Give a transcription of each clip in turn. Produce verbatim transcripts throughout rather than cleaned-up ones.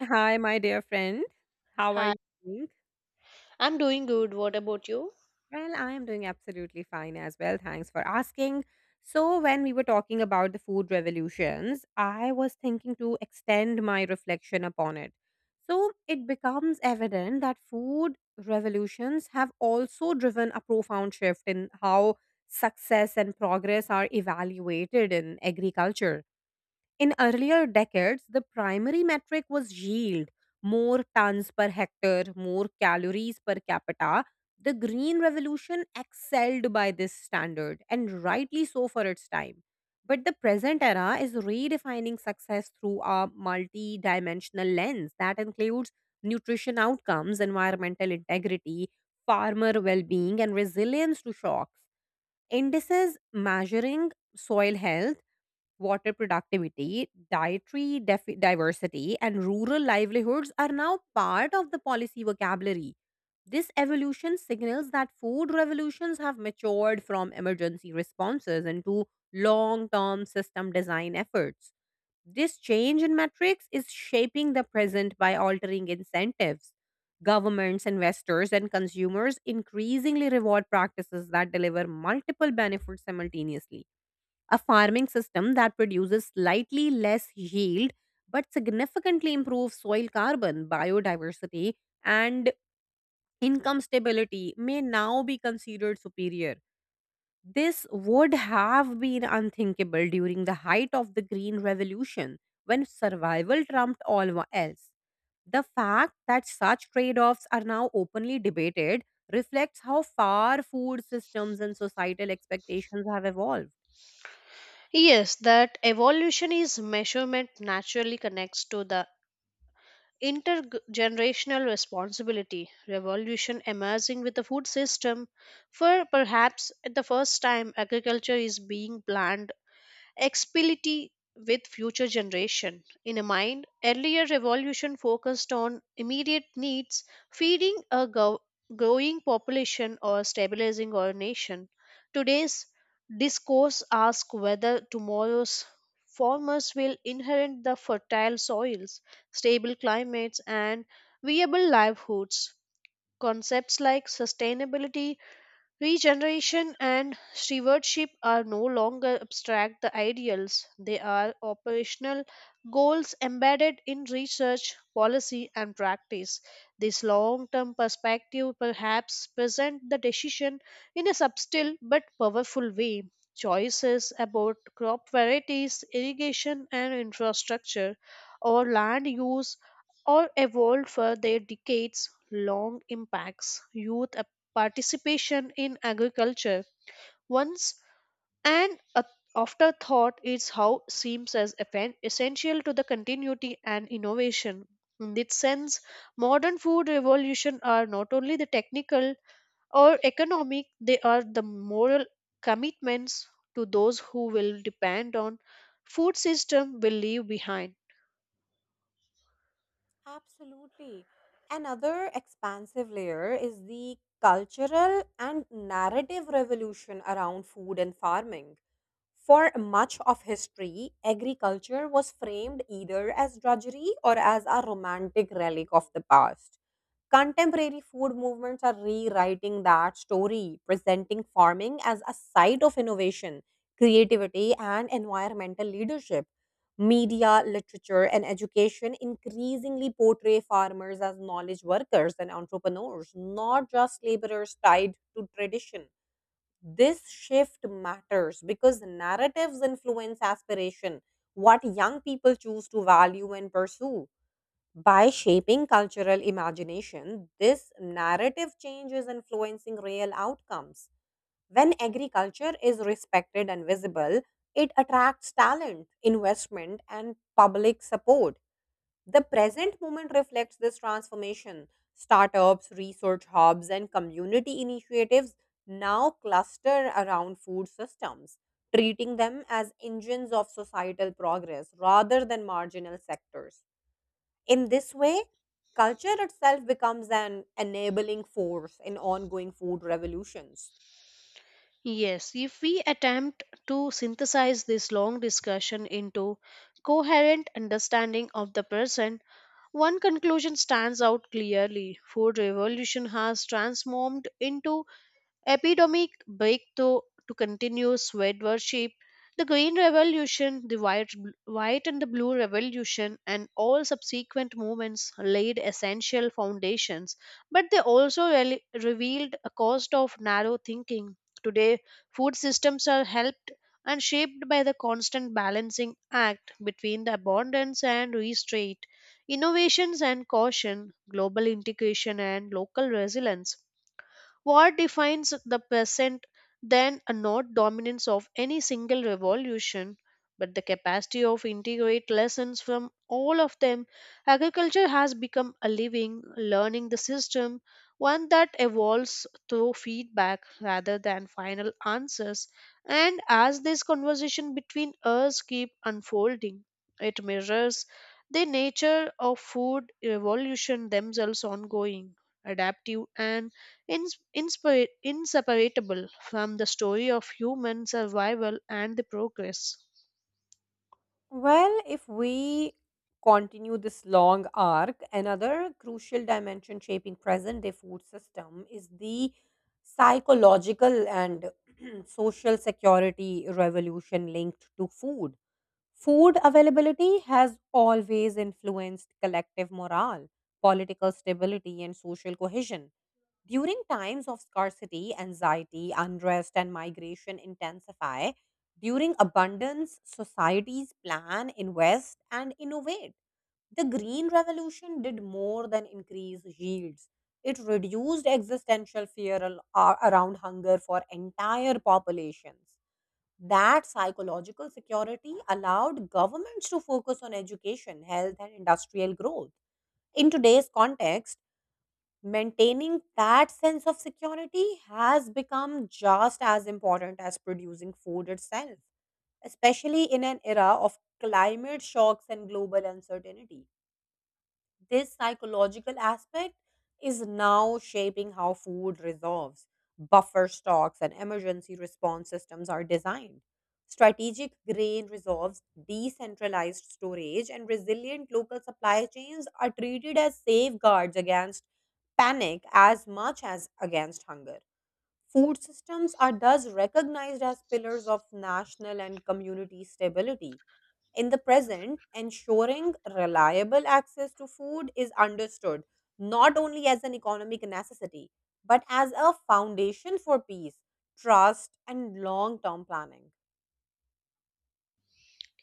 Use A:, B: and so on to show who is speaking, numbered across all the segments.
A: Hi, my dear friend. How are
B: Hi,
A: you doing?
B: I'm doing good. What about you?
A: Well, I am doing absolutely fine as well. Thanks for asking. So, when we were talking about the food revolutions, I was thinking to extend my reflection upon it. So, it becomes evident that food revolutions have also driven a profound shift in how success and progress are evaluated in agriculture. In earlier decades, the primary metric was yield more tons per hectare, more calories per capita. The Green Revolution excelled by this standard, and rightly so for its time. But the present era is redefining success through a multi dimensional lens that includes nutrition outcomes, environmental integrity, farmer well being, and resilience to shocks. Indices measuring soil health water productivity, dietary def- diversity, and rural livelihoods are now part of the policy vocabulary. This evolution signals that food revolutions have matured from emergency responses into long term system design efforts. This change in metrics is shaping the present by altering incentives. Governments, investors, and consumers increasingly reward practices that deliver multiple benefits simultaneously a farming system that produces slightly less yield but significantly improves soil carbon, biodiversity, and income stability may now be considered superior. This would have been unthinkable during the height of the Green Revolution when survival trumped all wa- else. The fact that such trade offs are now openly debated reflects how far food systems and societal expectations have evolved.
B: Yes, that evolution is measurement naturally connects to the intergenerational responsibility revolution emerging with the food system, for perhaps at the first time agriculture is being planned explicitly with future generation in a mind. Earlier revolution focused on immediate needs, feeding a go- growing population or stabilizing our nation. Today's discourse asks whether tomorrow's farmers will inherit the fertile soils, stable climates and viable livelihoods. Concepts like sustainability, regeneration and stewardship are no longer abstract the ideals, they are operational goals embedded in research, policy, and practice. This long term perspective perhaps present the decision in a subtle but powerful way. Choices about crop varieties, irrigation and infrastructure, or land use or evolved for their decades long impacts. Youth participation in agriculture once an a- afterthought is how seems as effen- essential to the continuity and innovation. In this sense, modern food revolution are not only the technical or economic, they are the moral commitments to those who will depend on food system will leave behind.
A: Absolutely. Another expansive layer is the cultural and narrative revolution around food and farming. For much of history, agriculture was framed either as drudgery or as a romantic relic of the past. Contemporary food movements are rewriting that story, presenting farming as a site of innovation, creativity, and environmental leadership. Media, literature, and education increasingly portray farmers as knowledge workers and entrepreneurs, not just laborers tied to tradition. This shift matters because narratives influence aspiration, what young people choose to value and pursue. By shaping cultural imagination, this narrative change is influencing real outcomes. When agriculture is respected and visible, it attracts talent, investment, and public support. The present moment reflects this transformation. Startups, research hubs, and community initiatives now cluster around food systems, treating them as engines of societal progress rather than marginal sectors. In this way, culture itself becomes an enabling force in ongoing food revolutions.
B: Yes, if we attempt to synthesize this long discussion into coherent understanding of the present, one conclusion stands out clearly. Food revolution has transformed into epidemic break to, to continue sweat worship, the Green Revolution, the White, White and the Blue Revolution, and all subsequent movements laid essential foundations, but they also rel- revealed a cost of narrow thinking. Today, food systems are helped and shaped by the constant balancing act between the abundance and restraint, innovations and caution, global integration and local resilience. What defines the present then are not dominance of any single revolution, but the capacity of integrate lessons from all of them. Agriculture has become a living, learning the system, one that evolves through feedback rather than final answers. And as this conversation between us keep unfolding, it mirrors the nature of food evolution themselves ongoing, adaptive and ins- inspir- inseparable from the story of human survival and the progress.
A: Well, if we continue this long arc, another crucial dimension shaping present day food system is the psychological and social security revolution linked to food. Food availability has always influenced collective morale, political stability, and social cohesion. During times of scarcity, anxiety, unrest, and migration intensify. During abundance, societies plan, invest, and innovate. The Green Revolution did more than increase yields. It reduced existential fear al- a- around hunger for entire populations. That psychological security allowed governments to focus on education, health, and industrial growth. In today's context, maintaining that sense of security has become just as important as producing food itself, especially in an era of climate shocks and global uncertainty. This psychological aspect is now shaping how food resolves, buffer stocks, and emergency response systems are designed. Strategic grain resolves, decentralized storage, and resilient local supply chains are treated as safeguards against panic as much as against hunger. Food systems are thus recognized as pillars of national and community stability. In the present, ensuring reliable access to food is understood not only as an economic necessity, but as a foundation for peace, trust, and long term planning.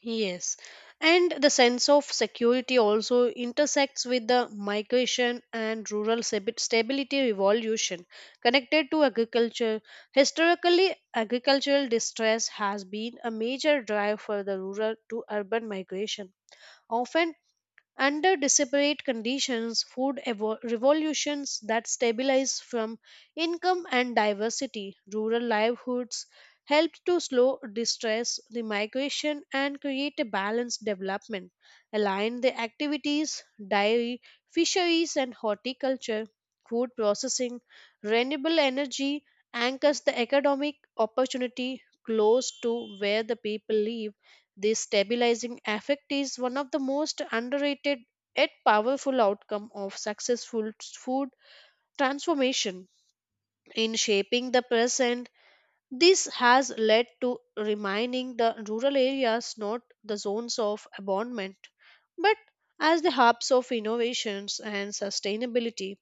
B: Yes, and the sense of security also intersects with the migration and rural stabi- stability revolution connected to agriculture. Historically, agricultural distress has been a major drive for the rural to urban migration, often under desperate conditions. Food evo- revolutions that stabilize from income and diversity, rural livelihoods helped to slow distress, the migration, and create a balanced development. Align the activities, dairy, fisheries, and horticulture, food processing, renewable energy anchors the economic opportunity close to where the people live. This stabilizing effect is one of the most underrated yet powerful outcome of successful food transformation in shaping the present. This has led to remaining the rural areas not the zones of abandonment, but as the hubs of innovations and sustainability.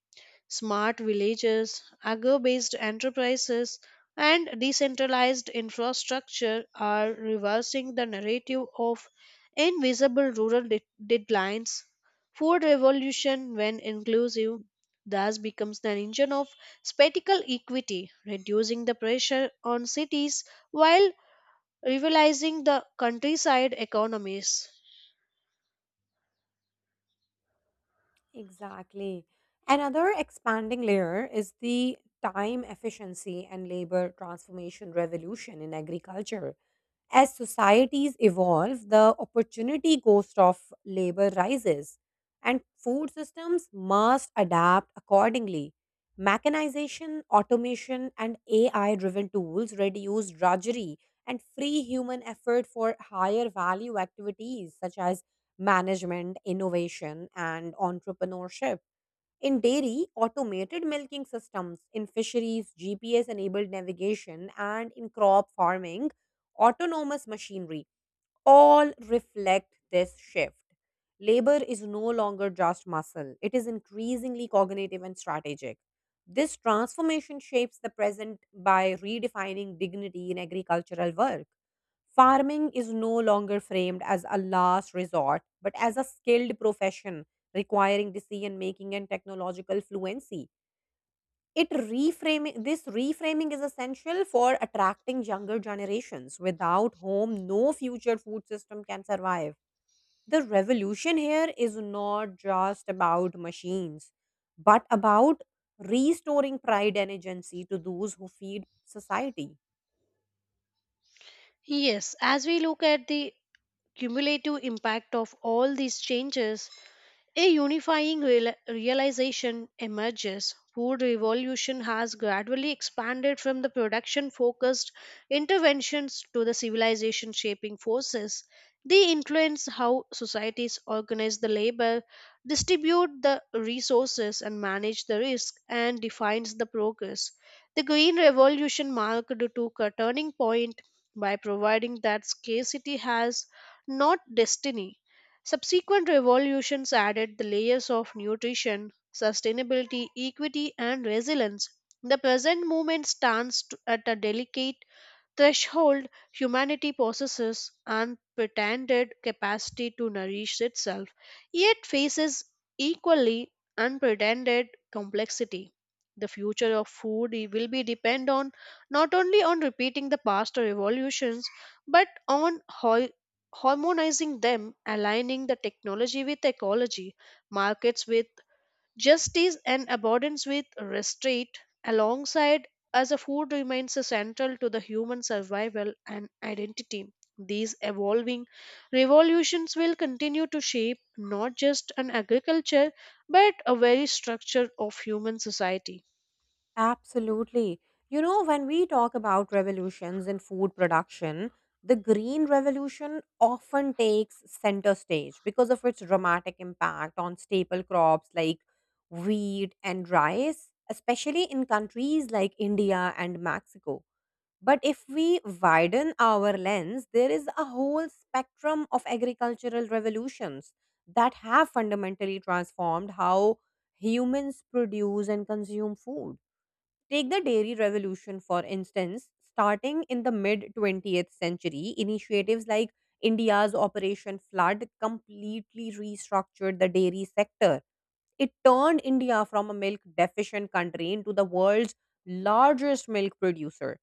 B: Smart villages, agro based enterprises, and decentralized infrastructure are reversing the narrative of invisible rural de- deadlines. Food revolution, when inclusive, thus becomes an engine of spatial equity, reducing the pressure on cities while revitalizing the countryside economies.
A: Exactly. Another expanding layer is the time efficiency and labor transformation revolution in agriculture. As societies evolve, the opportunity cost of labor rises, and food systems must adapt accordingly. Mechanization, automation, and A I driven tools reduce drudgery and free human effort for higher value activities such as management, innovation, and entrepreneurship. In dairy, automated milking systems, in fisheries, G P S enabled navigation, and in crop farming, autonomous machinery all reflect this shift. Labor is no longer just muscle, it is increasingly cognitive and strategic. This transformation shapes the present by redefining dignity in agricultural work. Farming is no longer framed as a last resort, but as a skilled profession requiring decision making and technological fluency. It reframing this reframing is essential for attracting younger generations. Without home, no future food system can survive. The revolution here is not just about machines, but about restoring pride and agency to those who feed society.
B: Yes, as we look at the cumulative impact of all these changes, a unifying real- realization emerges. Food revolution has gradually expanded from the production focused interventions to the civilization shaping forces. They influence how societies organize the labor, distribute the resources and manage the risk and defines the progress. The green revolution marked to a turning point by providing that scarcity has not destiny. Subsequent revolutions added the layers of nutrition, sustainability, equity, and resilience. The present movement stands t- at a delicate threshold. Humanity possesses unpretended capacity to nourish itself, yet faces equally unpretended complexity. The future of food i- will be depend on not only on repeating the past revolutions, but on hoi- harmonizing them, aligning the technology with ecology, markets with justice and abundance with restraint, alongside as a food remains central to the human survival and identity. These evolving revolutions will continue to shape not just an agriculture but a very structure of human society.
A: Absolutely. You know, when we talk about revolutions in food production, the Green Revolution often takes center stage because of its dramatic impact on staple crops like wheat and rice, especially in countries like India and Mexico. But if we widen our lens, there is a whole spectrum of agricultural revolutions that have fundamentally transformed how humans produce and consume food. Take the dairy revolution, for instance. Starting in the mid twentieth century, initiatives like India's Operation Flood completely restructured the dairy sector. It turned India from a milk deficient country into the world's largest milk producer.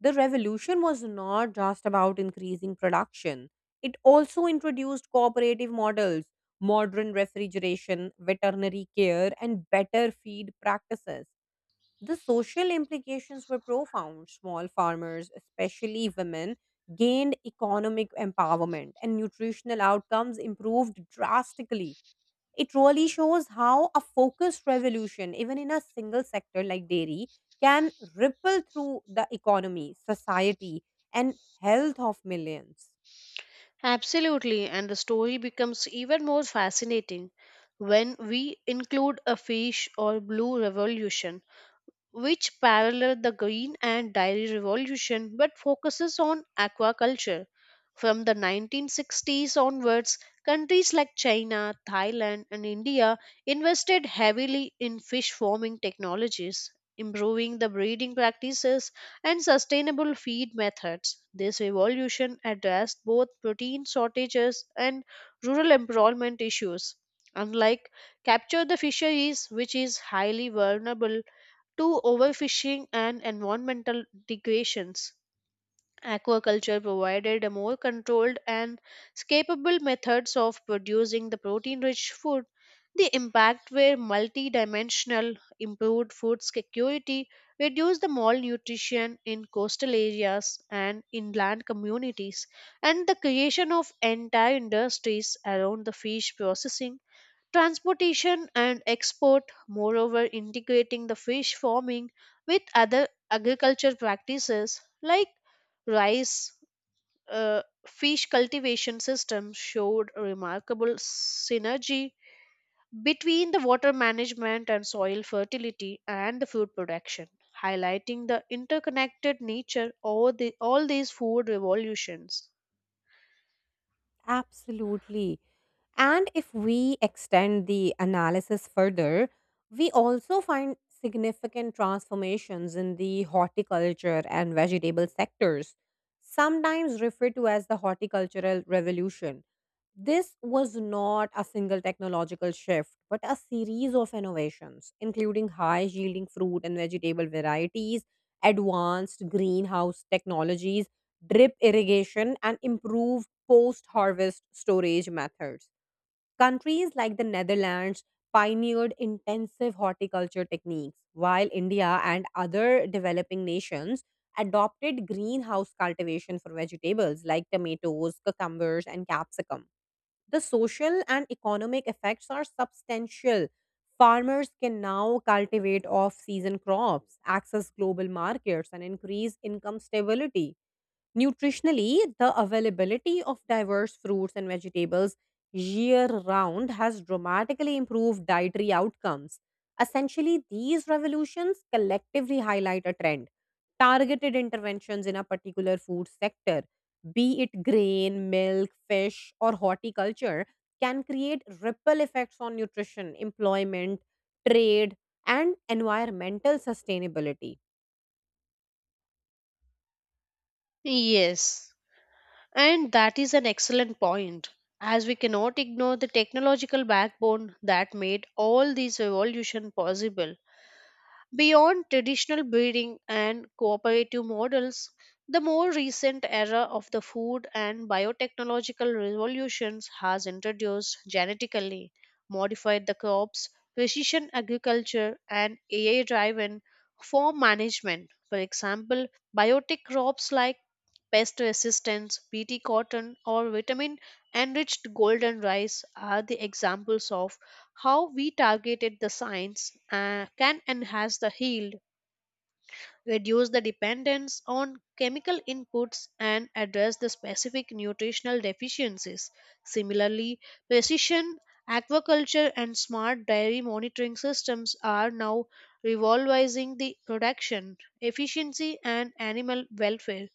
A: The revolution was not just about increasing production, it also introduced cooperative models, modern refrigeration, veterinary care, and better feed practices. The social implications were profound. Small farmers, especially women, gained economic empowerment and nutritional outcomes improved drastically. It really shows how a focused revolution, even in a single sector like dairy, can ripple through the economy, society, and health of millions.
B: Absolutely, and the story becomes even more fascinating when we include a fish or blue revolution which paralleled the green and dairy revolution but focuses on aquaculture. From the nineteen sixties onwards, countries like China, Thailand, and India invested heavily in fish farming technologies, improving the breeding practices and sustainable feed methods. This evolution addressed both protein shortages and rural employment issues. Unlike capture the fisheries, which is highly vulnerable to overfishing and environmental degradations. Aquaculture provided a more controlled and scalable methods of producing the protein-rich food. The impact were multidimensional, improved food security, reduced the malnutrition in coastal areas and inland communities, and the creation of entire industries around the fish processing, transportation and export. Moreover, integrating the fish farming with other agriculture practices like rice, uh, fish cultivation system showed remarkable synergy between the water management and soil fertility and the food production, highlighting the interconnected nature of the, all these food revolutions.
A: Absolutely. And if we extend the analysis further, we also find significant transformations in the horticulture and vegetable sectors, sometimes referred to as the horticultural revolution. This was not a single technological shift, but a series of innovations, including high yielding fruit and vegetable varieties, advanced greenhouse technologies, drip irrigation, and improved post harvest storage methods. Countries like the Netherlands pioneered intensive horticulture techniques, while India and other developing nations adopted greenhouse cultivation for vegetables like tomatoes, cucumbers, and capsicum. The social and economic effects are substantial. Farmers can now cultivate off season crops, access global markets, and increase income stability. Nutritionally, the availability of diverse fruits and vegetables year round has dramatically improved dietary outcomes. Essentially, these revolutions collectively highlight a trend. Targeted interventions in a particular food sector, be it grain, milk, fish, or horticulture, can create ripple effects on nutrition, employment, trade, and environmental sustainability.
B: Yes, and that is an excellent point, as we cannot ignore the technological backbone that made all this evolution possible. Beyond traditional breeding and cooperative models, the more recent era of the food and biotechnological revolutions has introduced genetically modified the crops, precision agriculture, and A I driven farm management. For example, biotic crops like pest resistance, B T cotton, or vitamin enriched golden rice are the examples of how we targeted the science uh, can enhance the yield, reduce the dependence on chemical inputs, and address the specific nutritional deficiencies. Similarly, precision aquaculture and smart dairy monitoring systems are now revolutionizing the production efficiency and animal welfare.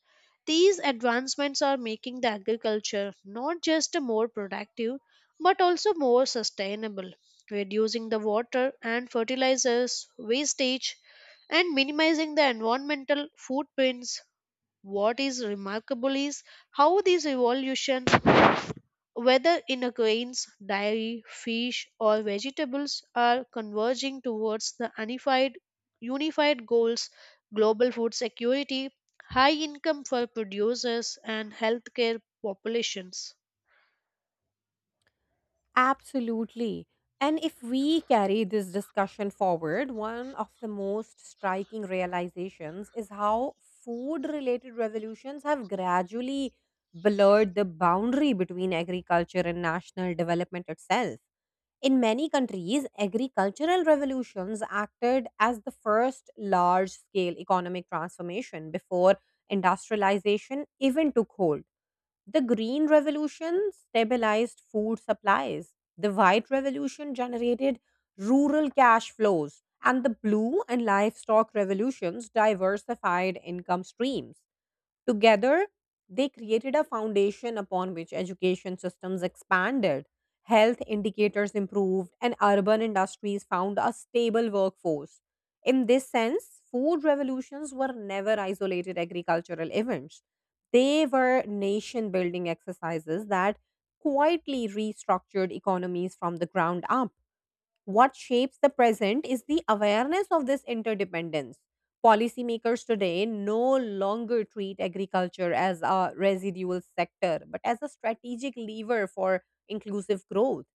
B: These advancements are making the agriculture not just more productive but also more sustainable, reducing the water and fertilizers wastage and minimizing the environmental footprints. What is remarkable is how these evolutions, whether in a grains, dairy, fish, or vegetables, are converging towards the unified, unified goals: global food security, high income for producers, and healthcare populations.
A: Absolutely. And if we carry this discussion forward, one of the most striking realizations is how food related revolutions have gradually blurred the boundary between agriculture and national development itself. In many countries, agricultural revolutions acted as the first large scale economic transformation before industrialization even took hold. The Green Revolution stabilized food supplies. The White Revolution generated rural cash flows. And the Blue and Livestock Revolutions diversified income streams. Together, they created a foundation upon which education systems expanded, health indicators improved, and urban industries found a stable workforce. In this sense, food revolutions were never isolated agricultural events. They were nation building exercises that quietly restructured economies from the ground up. What shapes the present is the awareness of this interdependence. Policymakers today no longer treat agriculture as a residual sector, but as a strategic lever for inclusive growth.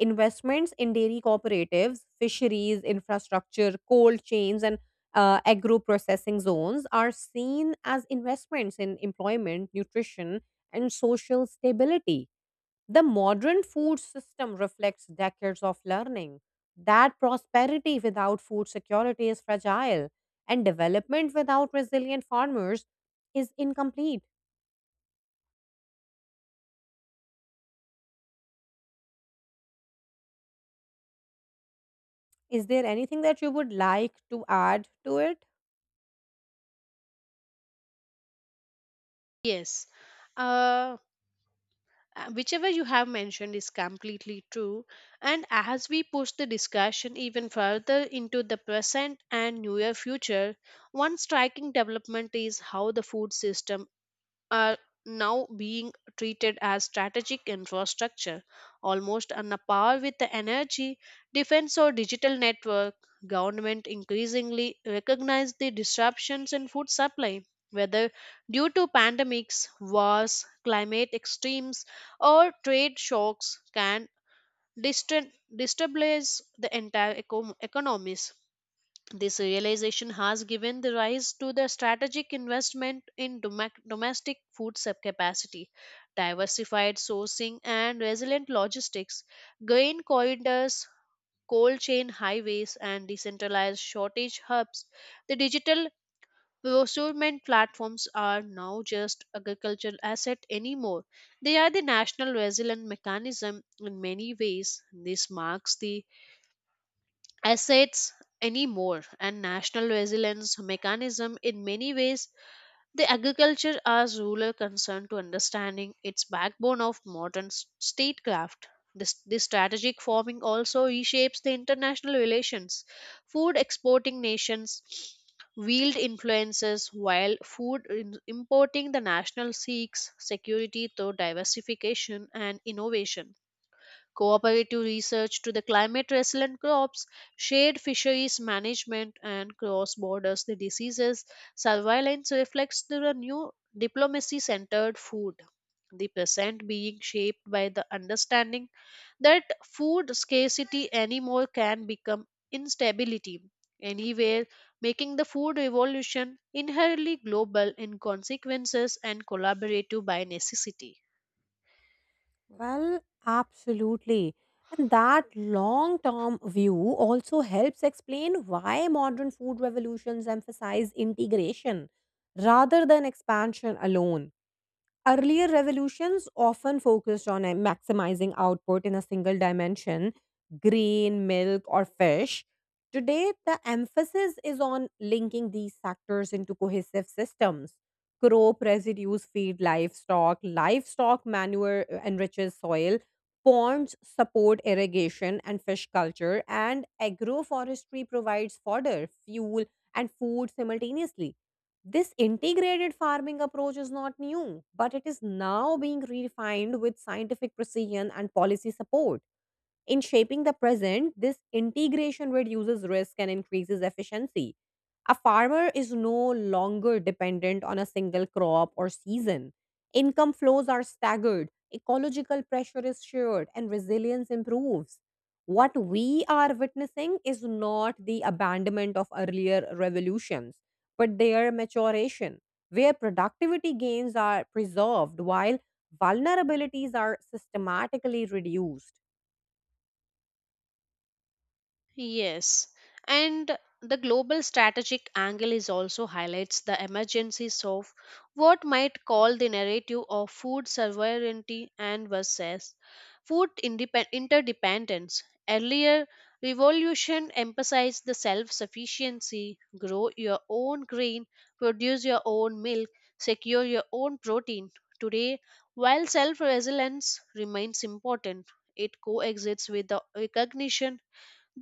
A: Investments in dairy cooperatives, fisheries, infrastructure, cold chains, and uh, agro processing zones are seen as investments in employment, nutrition, and social stability. The modern food system reflects decades of learning that prosperity without food security is fragile and development without resilient farmers is incomplete. Is there anything that you would like to add to it?
B: Yes, uh, whichever you have mentioned is completely true. And as we push the discussion even further into the present and near future, one striking development is how the food system are now being treated as strategic infrastructure, almost on a par with the energy, defense, or digital network. Government increasingly recognize the disruptions in food supply, whether due to pandemics, wars, climate extremes, or trade shocks, can distra- destabilize the entire eco- economies. This realization has given the rise to the strategic investment in domac- domestic food sub- capacity, diversified sourcing, and resilient logistics. Grain corridors, cold chain highways, and decentralized shortage hubs. The digital procurement platforms are now just agricultural asset anymore. They are the national resilient mechanism in many ways. This marks the assets anymore and national resilience mechanism in many ways, the agriculture as rural concern to understanding its backbone of modern s- statecraft. This, this strategic farming also reshapes the international relations. Food exporting nations wield influences while food in- importing the national seeks security through diversification and innovation. Cooperative research to the climate resilient crops, shared fisheries management, and cross borders the diseases. Surveillance reflects the new diplomacy centered food, the present being shaped by the understanding that food scarcity anymore can become instability anywhere, making the food revolution inherently global in consequences and collaborative by necessity.
A: Well, absolutely. And that long term view also helps explain why modern food revolutions emphasize integration rather than expansion alone. Earlier revolutions often focused on uh, maximizing output in a single dimension grain, milk, or fish. Today, the emphasis is on linking these sectors into cohesive systems. Crop residues feed livestock, livestock manure uh, enriches soil, ponds support irrigation and fish culture, and agroforestry provides fodder, fuel, and food simultaneously. This integrated farming approach is not new, but it is now being refined with scientific precision and policy support. In shaping the present, this integration reduces risk and increases efficiency. A farmer is no longer dependent on a single crop or season. Income flows are staggered, ecological pressure is shared, and resilience improves. What we are witnessing is not the abandonment of earlier revolutions, but their maturation, where productivity gains are preserved while vulnerabilities are systematically reduced.
B: Yes, and the global strategic angle is also highlights the emergencies of what might call the narrative of food sovereignty and versus food indepen- interdependence. Earlier, revolution emphasized the self-sufficiency, grow your own grain, produce your own milk, secure your own protein. Today, while self-resilience remains important, it coexists with the recognition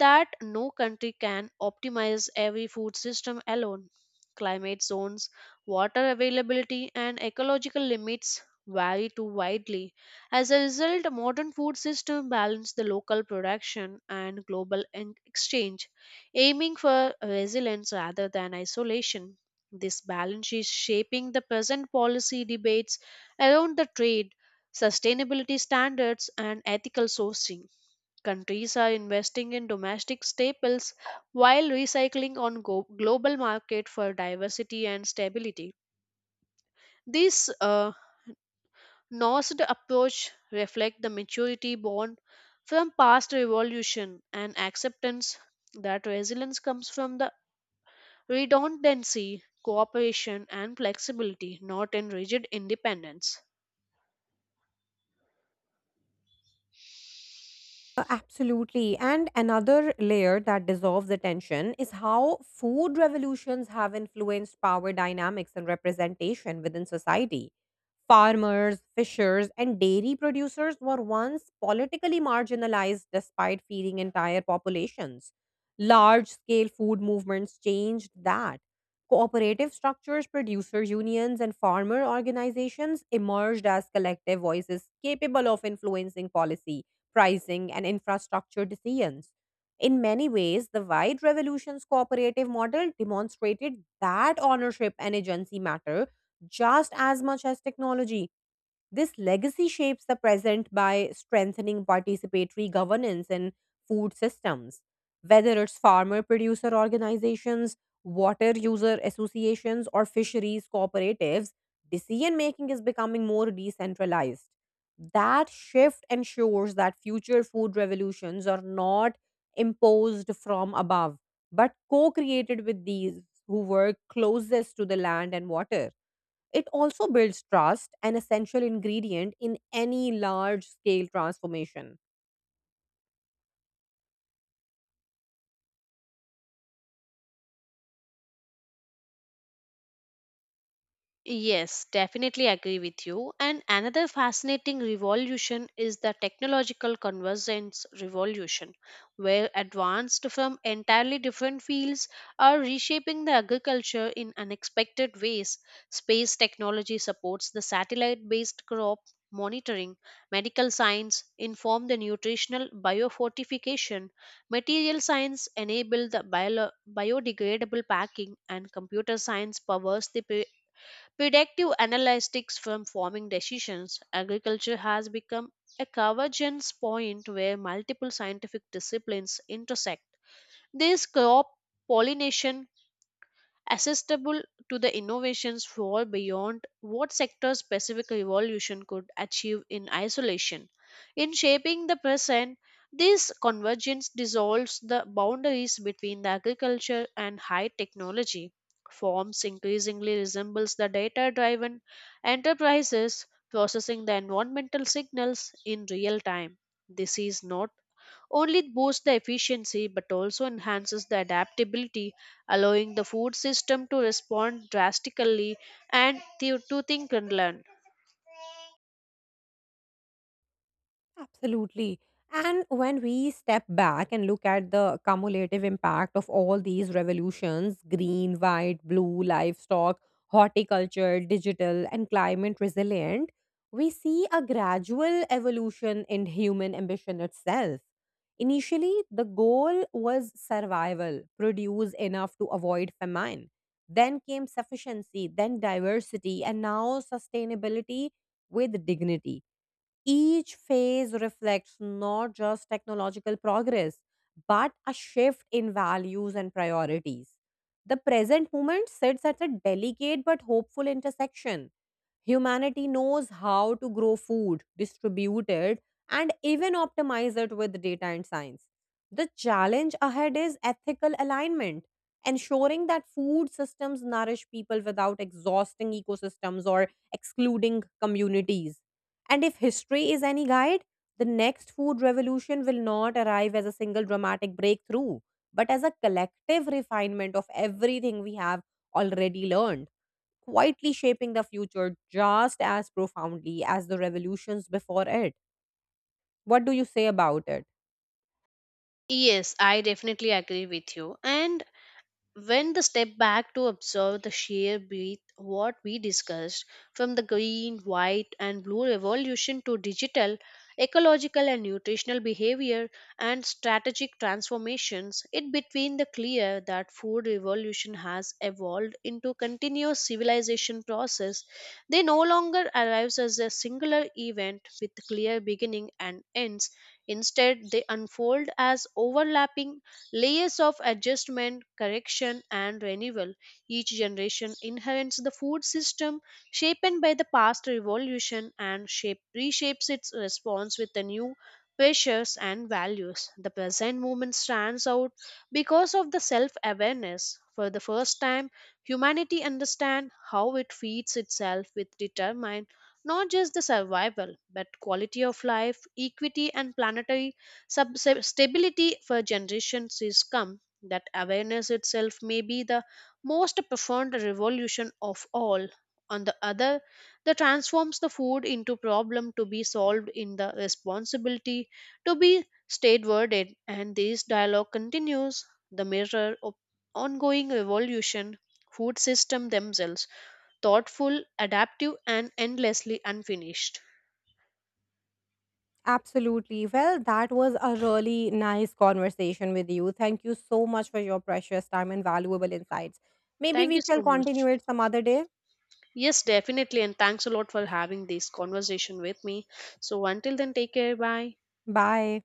B: that no country can optimize every food system alone. Climate zones, water availability, and ecological limits vary too widely. As a result, modern food systems balance the local production and global en- exchange, aiming for resilience rather than isolation. This balance is shaping the present policy debates around the trade, sustainability standards, and ethical sourcing. Countries are investing in domestic staples while recycling on go- global market for diversity and stability. This uh, nuanced approach reflects the maturity born from past revolution and acceptance that resilience comes from the redundancy, cooperation, and flexibility, not in rigid independence.
A: Uh, Absolutely. And another layer that dissolves the tension is how food revolutions have influenced power dynamics and representation within society. Farmers, fishers, and dairy producers were once politically marginalized despite feeding entire populations. Large scale food movements changed that. Cooperative structures, producer unions, and farmer organizations emerged as collective voices capable of influencing policy pricing, and infrastructure decisions. In many ways, the White Revolution's cooperative model demonstrated that ownership and agency matter just as much as technology. This legacy shapes the present by strengthening participatory governance in food systems, whether it's farmer producer organizations, water user associations, or fisheries cooperatives. Decision making is becoming more decentralized. That shift ensures that future food revolutions are not imposed from above, but co created with these who work closest to the land and water. It also builds trust, an essential ingredient in any large scale transformation.
B: Yes, definitely agree with you. And another fascinating revolution is the technological convergence revolution, where advanced from entirely different fields are reshaping the agriculture in unexpected ways. Space technology supports the satellite based crop monitoring, medical science inform the nutritional biofortification, material science enable the bio- biodegradable packing, and computer science powers the predictive analytics from forming decisions. Agriculture has become a convergence point where multiple scientific disciplines intersect. This crop pollination accessible to the innovations fall beyond what sector specific revolution could achieve in isolation. In shaping the present, this convergence dissolves the boundaries between the agriculture and high technology. Forms increasingly resembles the data driven enterprises processing the environmental signals in real time. This is not only it boosts the efficiency but also enhances the adaptability, allowing the food system to respond drastically and to, to think and learn.
A: Absolutely. And when we step back and look at the cumulative impact of all these revolutions green, white, blue, livestock, horticulture, digital, and climate resilient we see a gradual evolution in human ambition itself. Initially, the goal was survival, produce enough to avoid famine. Then came sufficiency, then diversity, and now sustainability with dignity each phase reflects not just technological progress, but a shift in values and priorities. The present moment sits at a delicate but hopeful intersection. Humanity knows how to grow food, distribute it, and even optimize it with data and science. The challenge ahead is ethical alignment, ensuring that food systems nourish people without exhausting ecosystems or excluding communities. And if history is any guide, the next food revolution will not arrive as a single dramatic breakthrough, but as a collective refinement of everything we have already learned, quietly shaping the future just as profoundly as the revolutions before it. What do you say about it?
B: Yes, I definitely agree with you. And when the step back to observe the sheer breadth what we discussed from the green white and blue revolution to digital ecological and nutritional behavior and strategic transformations, it between the clear that food revolution has evolved into continuous civilization process. They no longer arrives as a singular event with clear beginning and ends, instead they unfold as overlapping layers of adjustment, correction, and renewal. Each generation inherits the food system shaped by the past revolution and shape, reshapes its response with the new pressures and values. The present movement stands out because of the self awareness. For the first time, humanity understands how it feeds itself with determine, not just the survival but quality of life equity and planetary Sub- sub- stability for generations is come. That awareness itself may be the most profound revolution of all, on the other that transforms the food into problem to be solved in the responsibility to be statewarded. And this dialogue continues the mirror of ongoing revolution, food system themselves, thoughtful, adaptive and endlessly unfinished.
A: Absolutely. Well, that was a really nice conversation with you. Thank you so much for your precious time and valuable insights. Maybe
B: Thank you
A: we
B: so
A: shall continue
B: much.
A: it some other day.
B: Yes, definitely. And thanks a lot for having this conversation with me. So until then, take care. Bye.
A: Bye.